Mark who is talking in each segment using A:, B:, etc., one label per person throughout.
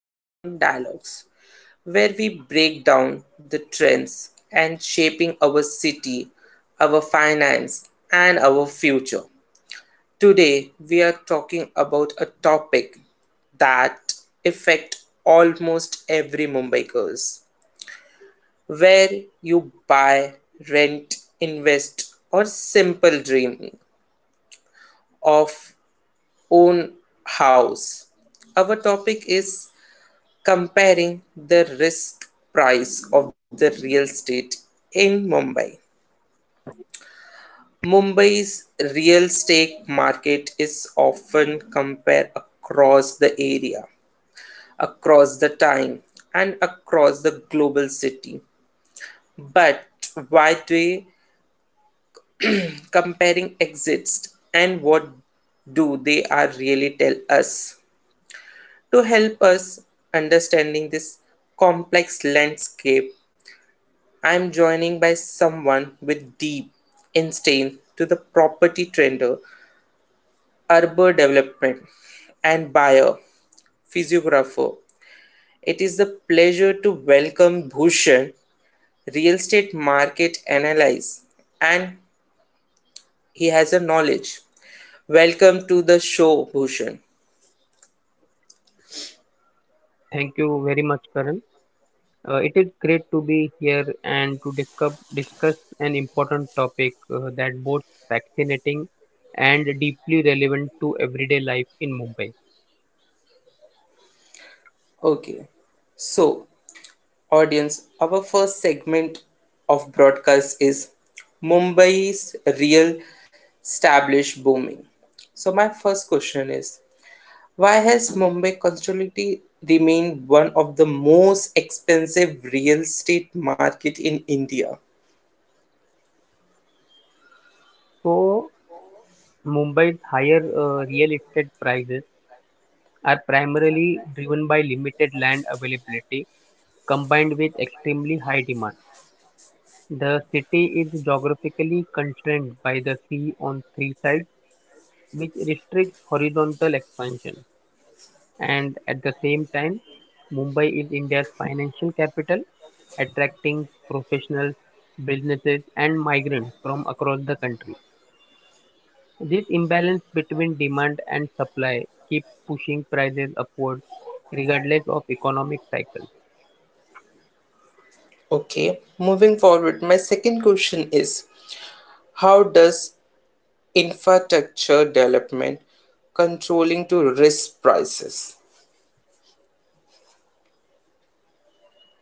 A: Urban Dialogues, where we break down the trends and shaping our city, our finance, and our future. Today we are talking about a topic that affect almost every Mumbaikers, where you buy, rent, invest, or simple dream of own house. Our topic is comparing the risk price of the real estate in Mumbai. Mumbai's real estate market is often compared across the area, across the time, and across the global city. But why do comparing exists and what do they are really tell us? To help us understanding this complex landscape, I am joining by someone with deep insight to the property trader, urban development and buyer, physiographer. It is the pleasure to welcome Bhushan, real estate market analyst, and he has a knowledge. Welcome to the show, Bhushan.
B: Thank you very much, Karan. It is great to be here and to discuss an important topic, that both fascinating and deeply relevant to everyday life in Mumbai.
A: Okay, so audience, our first segment of broadcast is Mumbai's real established booming. So my first question is, why has Mumbai constantly remained one of the most expensive real estate market in India?
B: So, Mumbai's higher real estate prices are primarily driven by limited land availability combined with extremely high demand. The city is geographically constrained by the sea on three sides, which restricts horizontal expansion, and at the same time, Mumbai is India's financial capital, attracting professionals, businesses, and migrants from across the country. This imbalance between demand and supply keeps pushing prices upward regardless of economic cycles.
A: Okay, moving forward, my second question is, how does infrastructure development controlling to risk prices?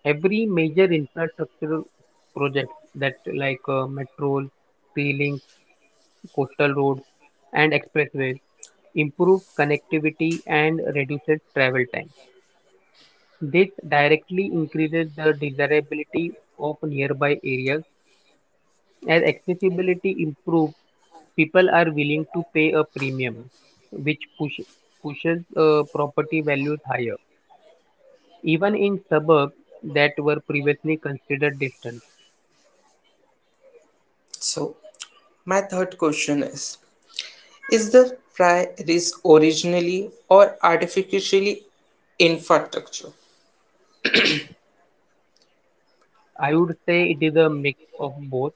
B: Every major infrastructural project that like metros, sea links, coastal roads, and expressways improve connectivity and reduces travel time. This directly increases the desirability of nearby areas. As accessibility improves, people are willing to pay a premium, which pushes property values higher. Even in suburbs that were previously considered distant,
A: So, my third question is the prairies originally or artificially infrastructure?
B: I would say it is a mix of both.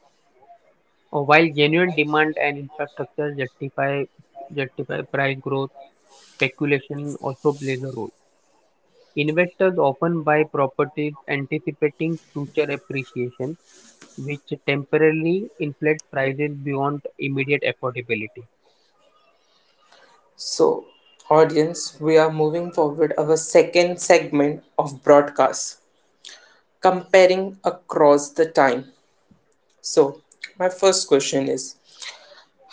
B: While genuine demand and infrastructure justify price growth, speculation also plays a role. Investors often buy properties anticipating future appreciation, which temporarily inflates prices beyond immediate affordability.
A: So, audience, we are moving forward our second segment of broadcast, comparing across the time. So, my first question is,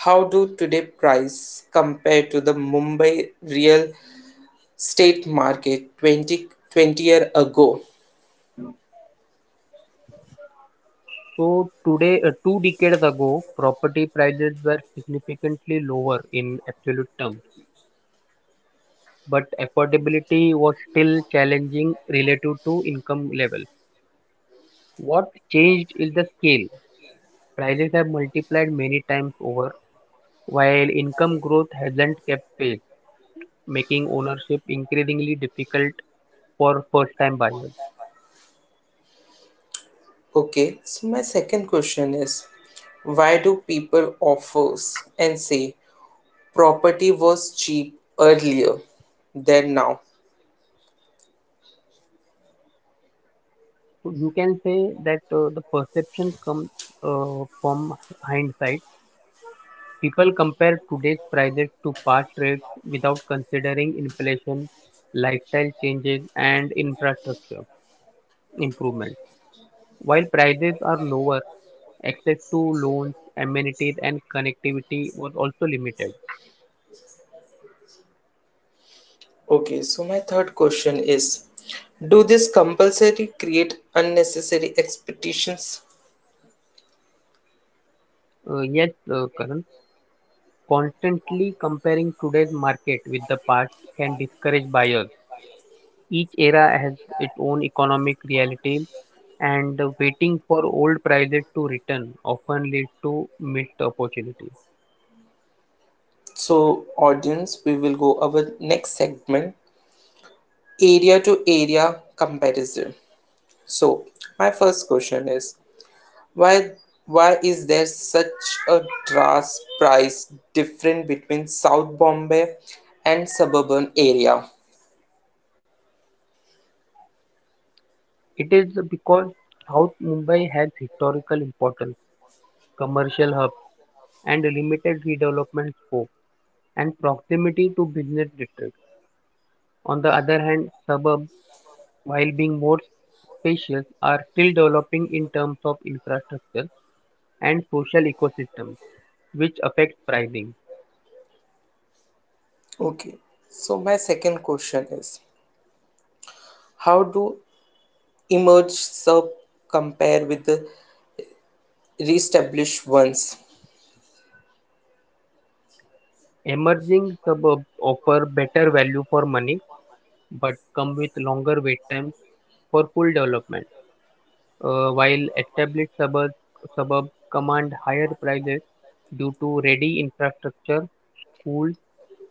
A: how do today price compare to the Mumbai real estate market twenty twenty 20-year ago?
B: So today, two decades ago, property prices were significantly lower in absolute terms, but affordability was still challenging relative to income level. What changed is the scale. Prices have multiplied many times over, while income growth hasn't kept pace, making ownership increasingly difficult for first time buyers.
A: Okay, so my second question is, why do people offer and say property was cheap earlier than now?
B: So you can say that the perception comes from hindsight. People compare today's prices to past rates without considering inflation, lifestyle changes, and infrastructure improvements. While prices are lower, access to loans, amenities, and connectivity was also limited.
A: Okay, so my third question is, do this compulsory create unnecessary expectations?
B: Yes, Karan, constantly comparing today's market with the past can discourage buyers. Each era has its own economic reality, and waiting for old prices to return often leads to missed opportunity.
A: So audience, we will go our next segment, area to area comparison. So my first question is, Why why is there such a drastic price difference between South Bombay and suburban area?
B: It is because South Mumbai has historical importance, commercial hub, and limited redevelopment scope, and proximity to business districts. On the other hand, suburbs, while being more spacious, are still developing in terms of infrastructure and social ecosystems, which affects pricing.
A: Okay. So my second question is, how do emerge sub compare with the reestablished ones?
B: Emerging suburbs offer better value for money but come with longer wait times for full development, while established suburbs command higher prices due to ready infrastructure, schools,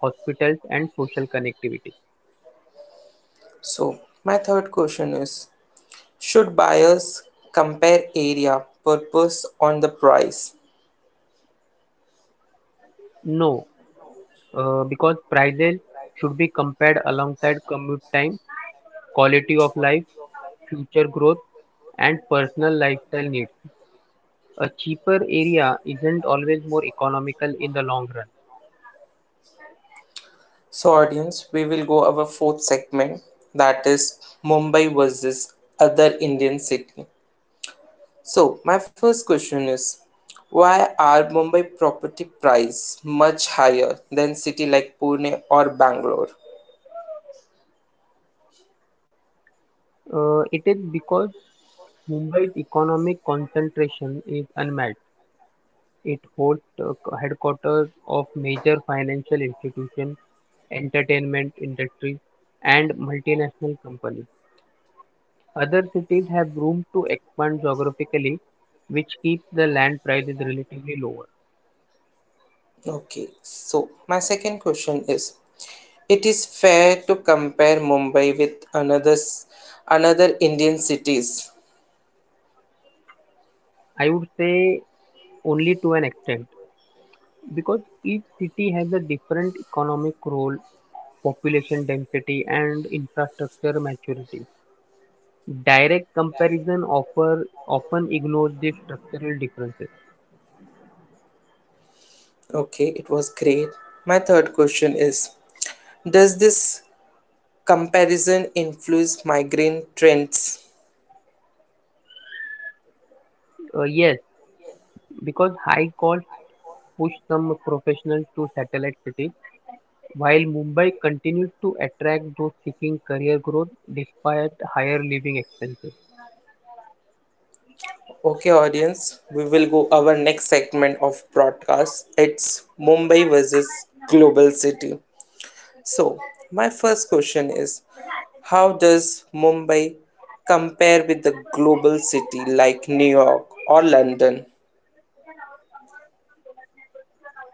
B: hospitals, and social connectivity.
A: So my third question is, should buyers compare area purpose on the price?
B: No, because prices should be compared alongside commute time, quality of life, future growth, and personal lifestyle needs. A cheaper area isn't always more economical in the long run.
A: So audience, we will go our fourth segment, that is Mumbai versus other Indian city. So my first question is, why are Mumbai property price much higher than city like Pune or Bangalore?
B: It is because Mumbai's economic concentration is unmatched; it hosts the headquarters of major financial institutions, entertainment industries, and multinational companies. Other cities have room to expand geographically, which keeps the land prices relatively lower.
A: Okay, so my second question is, it is fair to compare Mumbai with another Indian cities.
B: I would say only to an extent, because each city has a different economic role, population density, and infrastructure maturity. Direct comparison offer often ignores these structural differences.
A: Okay, it was great. My third question is, does this comparison influence migrant trends?
B: Yes, because high costs push some professionals to satellite cities, while Mumbai continues to attract those seeking career growth despite higher living expenses.
A: Okay, audience, we will go our next segment of broadcast. It's Mumbai versus global city. So, my first question is, how does Mumbai compare with the global city like New York or London?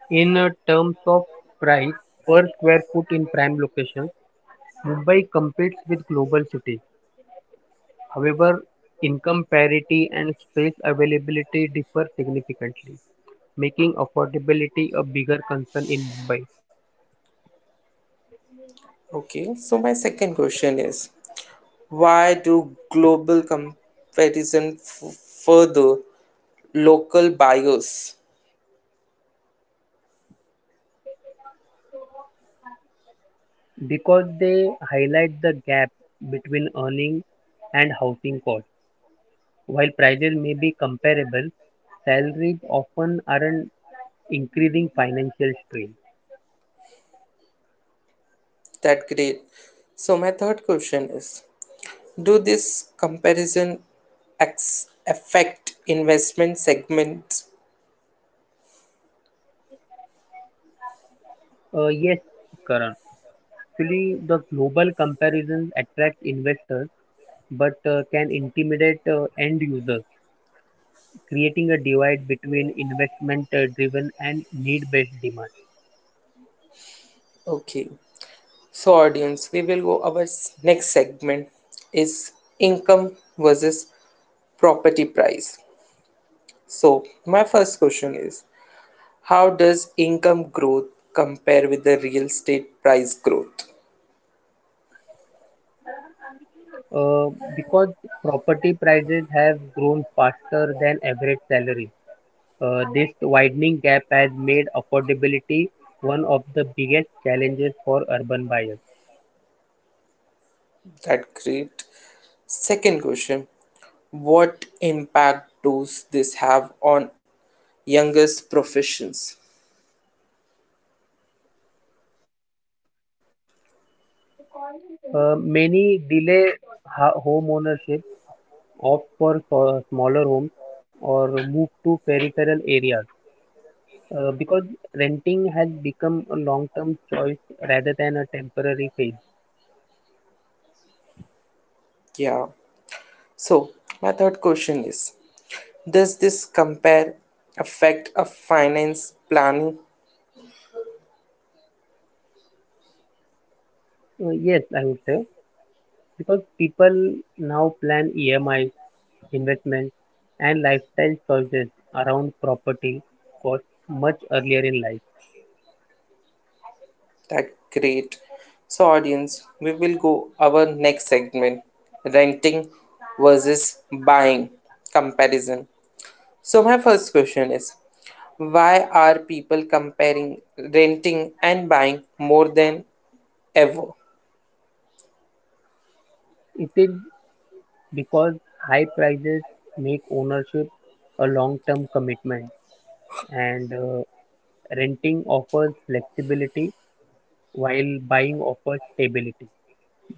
B: In terms of price per square foot in prime locations, Mumbai competes with global cities, however income parity and space availability differ significantly, making affordability a bigger concern in Mumbai,
A: Okay, so my second question is, why do global comparison further local bias
B: because they highlight the gap between earning and housing costs. While prices may be comparable, salaries often aren't, increasing financial strain.
A: that great? So my third question is, do this comparison affect investment segment?
B: Yes, Karan. Actually, the global comparisons attract investors but can intimidate end users, creating a divide between investment driven and need based demand,
A: Okay. So audience, we will go our next segment, is income versus property price. So my first question is, how does income growth compare with the real estate price growth?
B: uh, because property prices have grown faster than average salary. This widening gap has made affordability one of the biggest challenges for urban buyers.
A: That great. Second question, what impact does this have on youngest professions?
B: Many delay home ownership, opt for smaller homes, or move to peripheral areas because renting has become a long term choice rather than a temporary phase.
A: Yeah. So, my third question is, does this compare affect a finance planning?
B: Yes, I would say because people now plan EMI, investment, and lifestyle choices around property cost much earlier in life.
A: That great. So, audience, we will go our next segment, renting versus buying comparison. So, my first question is, why are people comparing renting and buying more than ever?
B: It is because high prices make ownership a long-term commitment, and renting offers flexibility while buying offers stability.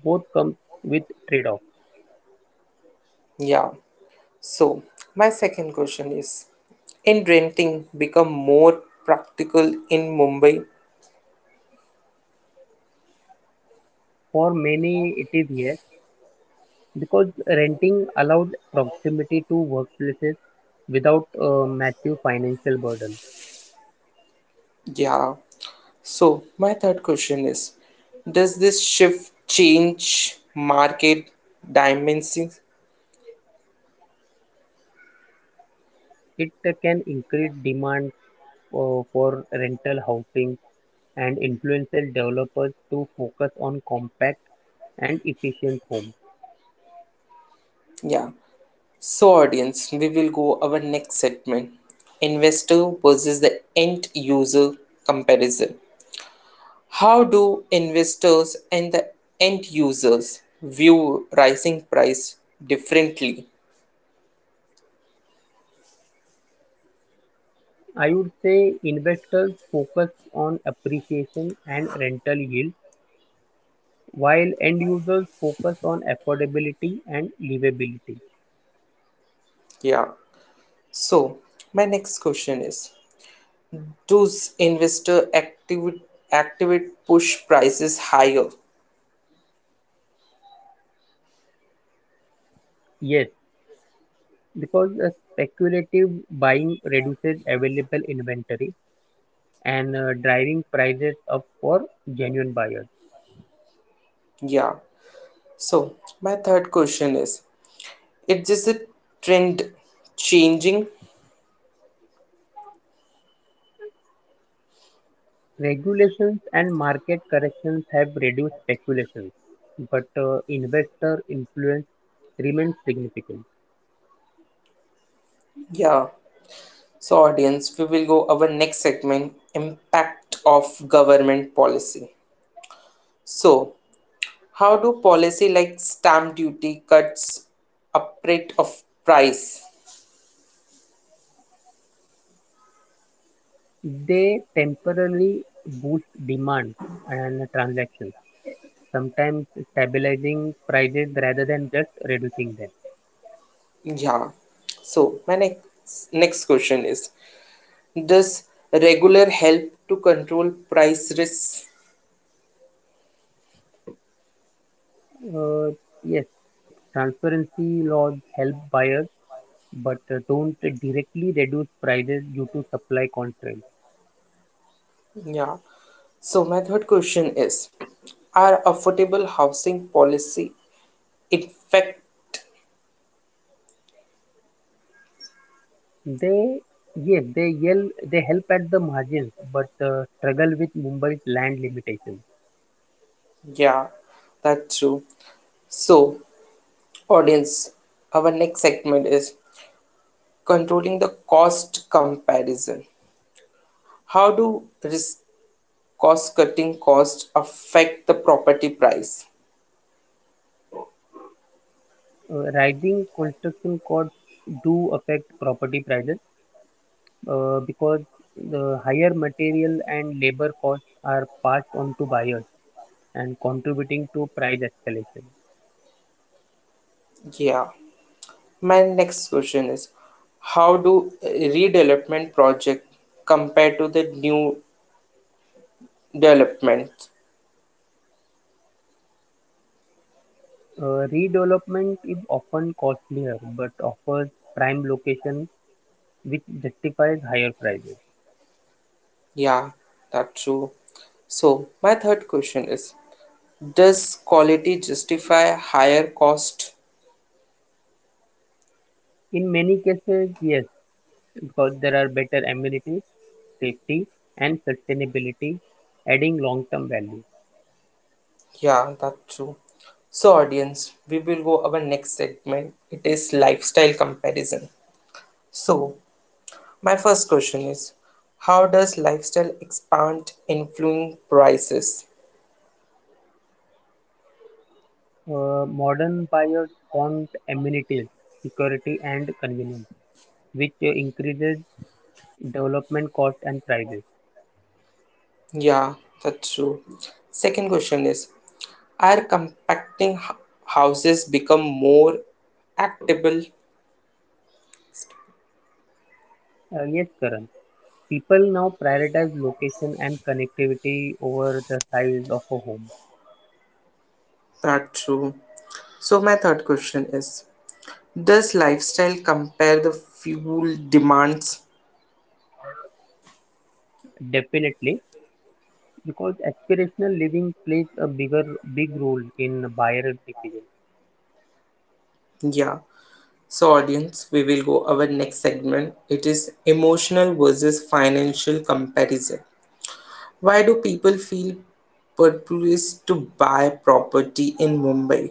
B: Both come with trade-off.
A: Yeah. So, my second question is, in renting become more practical in Mumbai?
B: For many, it is yes. Because renting allows proximity to workplaces without a massive financial burden.
A: Yeah. So, my third question is, does this shift change market dimensions?
B: It can increase demand for rental housing and influence developers to focus on compact and efficient homes.
A: Yeah. So, audience, we will go our next segment, investor versus the end user comparison. How do investors and the end users view rising price differently?
B: I would say investors focus on appreciation and rental yield, while end users focus on affordability and livability.
A: Yeah. So, my next question is, does investor activate, activate push prices higher?
B: Yes, because a speculative buying reduces available inventory and driving prices up for genuine buyers.
A: Yeah. So, my third question is, it is this a trend changing?
B: Regulations and market corrections have reduced speculations, but investor influence remains significant.
A: Yeah. So, audience, we will go our next segment, Impact of Government Policy. So, how do policy like stamp duty cuts upgrade of price?
B: They temporarily boost demand and transactions, sometimes stabilizing prices rather than just reducing them.
A: Yeah. So, my next, next question is, does regular help to control price risk?
B: Uh, yes, transparency laws help buyers, but don't directly reduce prices due to supply constraints.
A: Yeah. So my third question is, are affordable housing policy effect.
B: They yes, they yell, they help at the margins, but struggle with Mumbai's land limitations.
A: Yeah, that's true. So, audience, our next segment is controlling the cost comparison. How do risk cost cutting costs affect the property price?
B: Rising construction costs do affect property prices because the higher material and labor costs are passed on to buyers and contributing to price escalation.
A: Yeah. My next question is, how do redevelopment project compare to the new developments?
B: Redevelopment is often costlier but offers prime location which justifies higher prices.
A: Yeah, that's true. So, my third question is, does quality justify higher cost?
B: In many cases, yes, because there are better amenities, safety, and sustainability, adding long-term value.
A: Yeah, that's true. So, audience, we will go our next segment. It is lifestyle comparison. So, my first question is, how does lifestyle expand influence prices?
B: Modern buyers want amenities, security, and convenience, which increases development cost and prices.
A: Yeah, that's true. Second question is, are compacting houses become more actable?
B: Yes, Karan. People now prioritize location and connectivity over the size of a home.
A: That's true. So, my third question is, does lifestyle compare the fuel demands?
B: Definitely, because aspirational living plays a big role in buyer decision.
A: Yeah. So, audience, we will go our next segment. It is emotional versus financial comparison. Why do people feel purpose to buy property in Mumbai?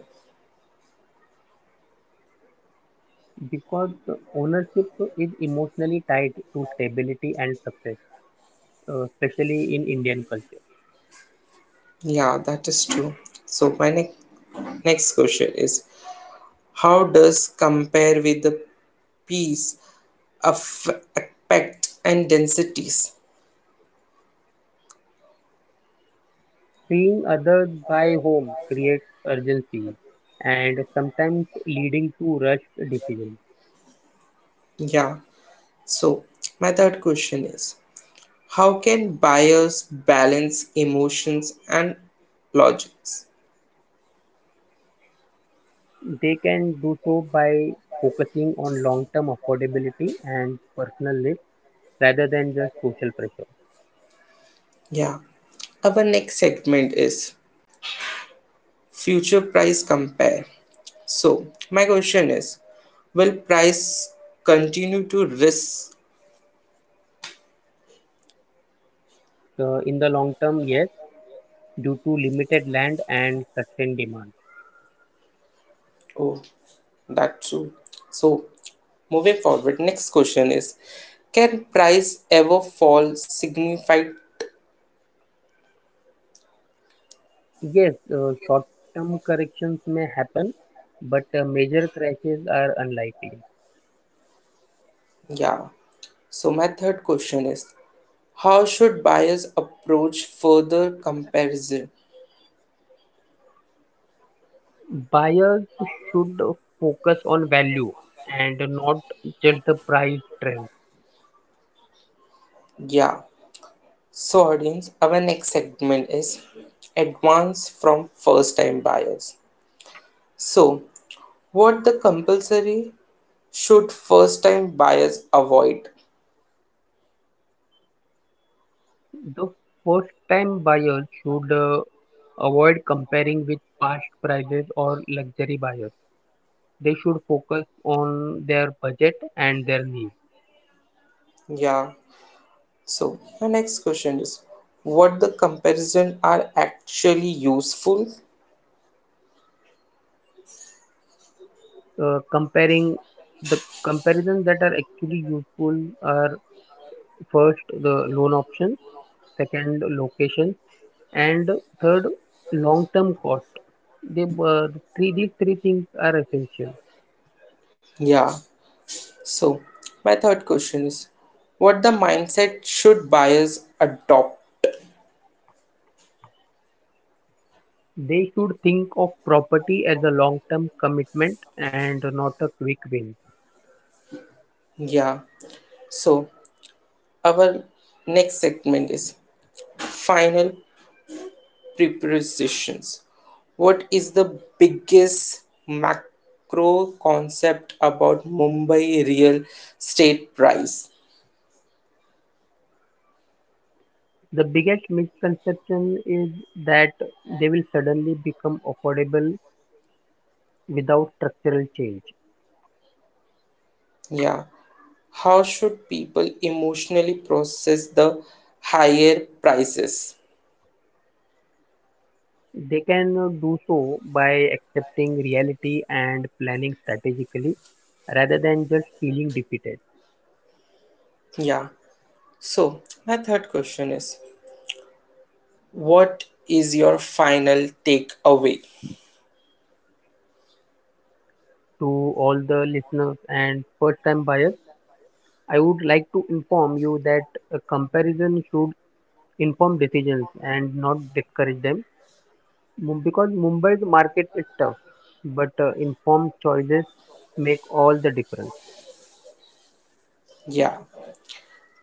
B: Because ownership is emotionally tied to stability and success, especially in Indian culture.
A: Yeah, that is true. So, my next question is, how does compare with the peace affect and densities?
B: Seeing others by home creates urgency and sometimes leading to rushed decisions.
A: Yeah. So, my third question is, how can buyers balance emotions and logics?
B: They can do so by focusing on long term affordability and personal lift rather than just social pressure.
A: Yeah. Our next segment is future price compare. So, my question is, will price continue to risk?
B: In the long term, yes, due to limited land and sustained demand.
A: Oh, that's true. So, moving forward, next question is, can price ever fall signified?
B: Yes, short term corrections may happen, but major crashes are unlikely.
A: Yeah. So, my third question is, how should buyers approach further comparison?
B: Buyers should focus on value and not just the price trend.
A: Yeah. So, audience, our next segment is advance from first time buyers. So, what the compulsory should first time buyers avoid?
B: The first time buyers should avoid comparing with past prices or luxury buyers. They should focus on their budget and their needs.
A: Yeah. So, my next question is, what the comparison are actually useful?
B: Comparing the comparisons that are actually useful are first the loan option, second location, and third long term cost. They, uh, these three things are essential.
A: Yeah. So, my third question is, what the mindset should buyers adopt?
B: They should think of property as a long-term commitment and not a quick win.
A: Yeah. So, our next segment is final prepositions. What is the biggest macro concept about Mumbai real estate price?
B: The biggest misconception is that they will suddenly become affordable without structural change.
A: Yeah. How should people emotionally process the higher prices?
B: They can do so by accepting reality and planning strategically rather than just feeling defeated.
A: Yeah. So, my third question is, what is your final takeaway?
B: To all the listeners and first time buyers, I would like to inform you that a comparison should inform decisions and not discourage them, because Mumbai's market is tough, but informed choices make all the difference.
A: Yeah.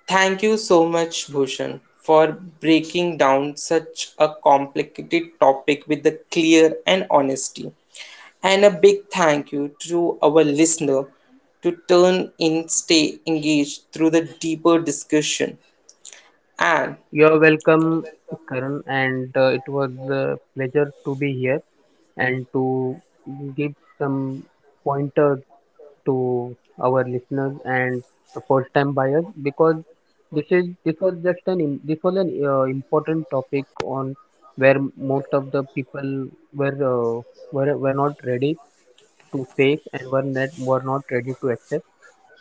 A: Thank you so much, Bhushan, for breaking down such a complicated topic with the clear and honesty. And a big thank you to our listener to turn in, stay engaged through the deeper discussion. And
B: You're welcome, Karan, and it was a pleasure to be here and to give some pointers to our listeners and the first-time buyers because this is this was just an im- this was an important topic on where most of the people were uh, were not ready to face and were not ready to accept.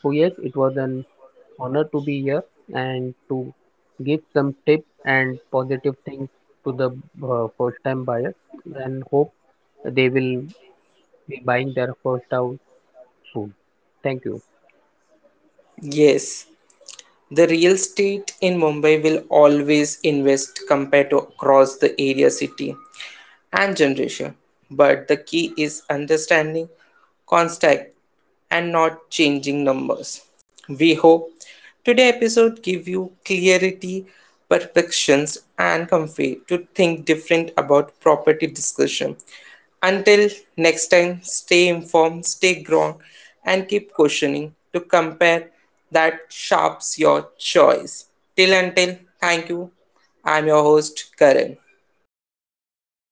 B: So yes, it was an honor to be here and to give some tips and positive things to the first time buyers, and hope they will be buying their first house soon. Thank you.
A: yes, the real estate in Mumbai will always invest compared to across the area city and generation. But the key is understanding contact and not changing numbers. We hope today episode give you clarity, perceptions, and comfort to think different about property discussion. Until next time, stay informed, stay ground, and keep questioning to compare that sharps your choice. Till until, thank you. I'm your host, Karan.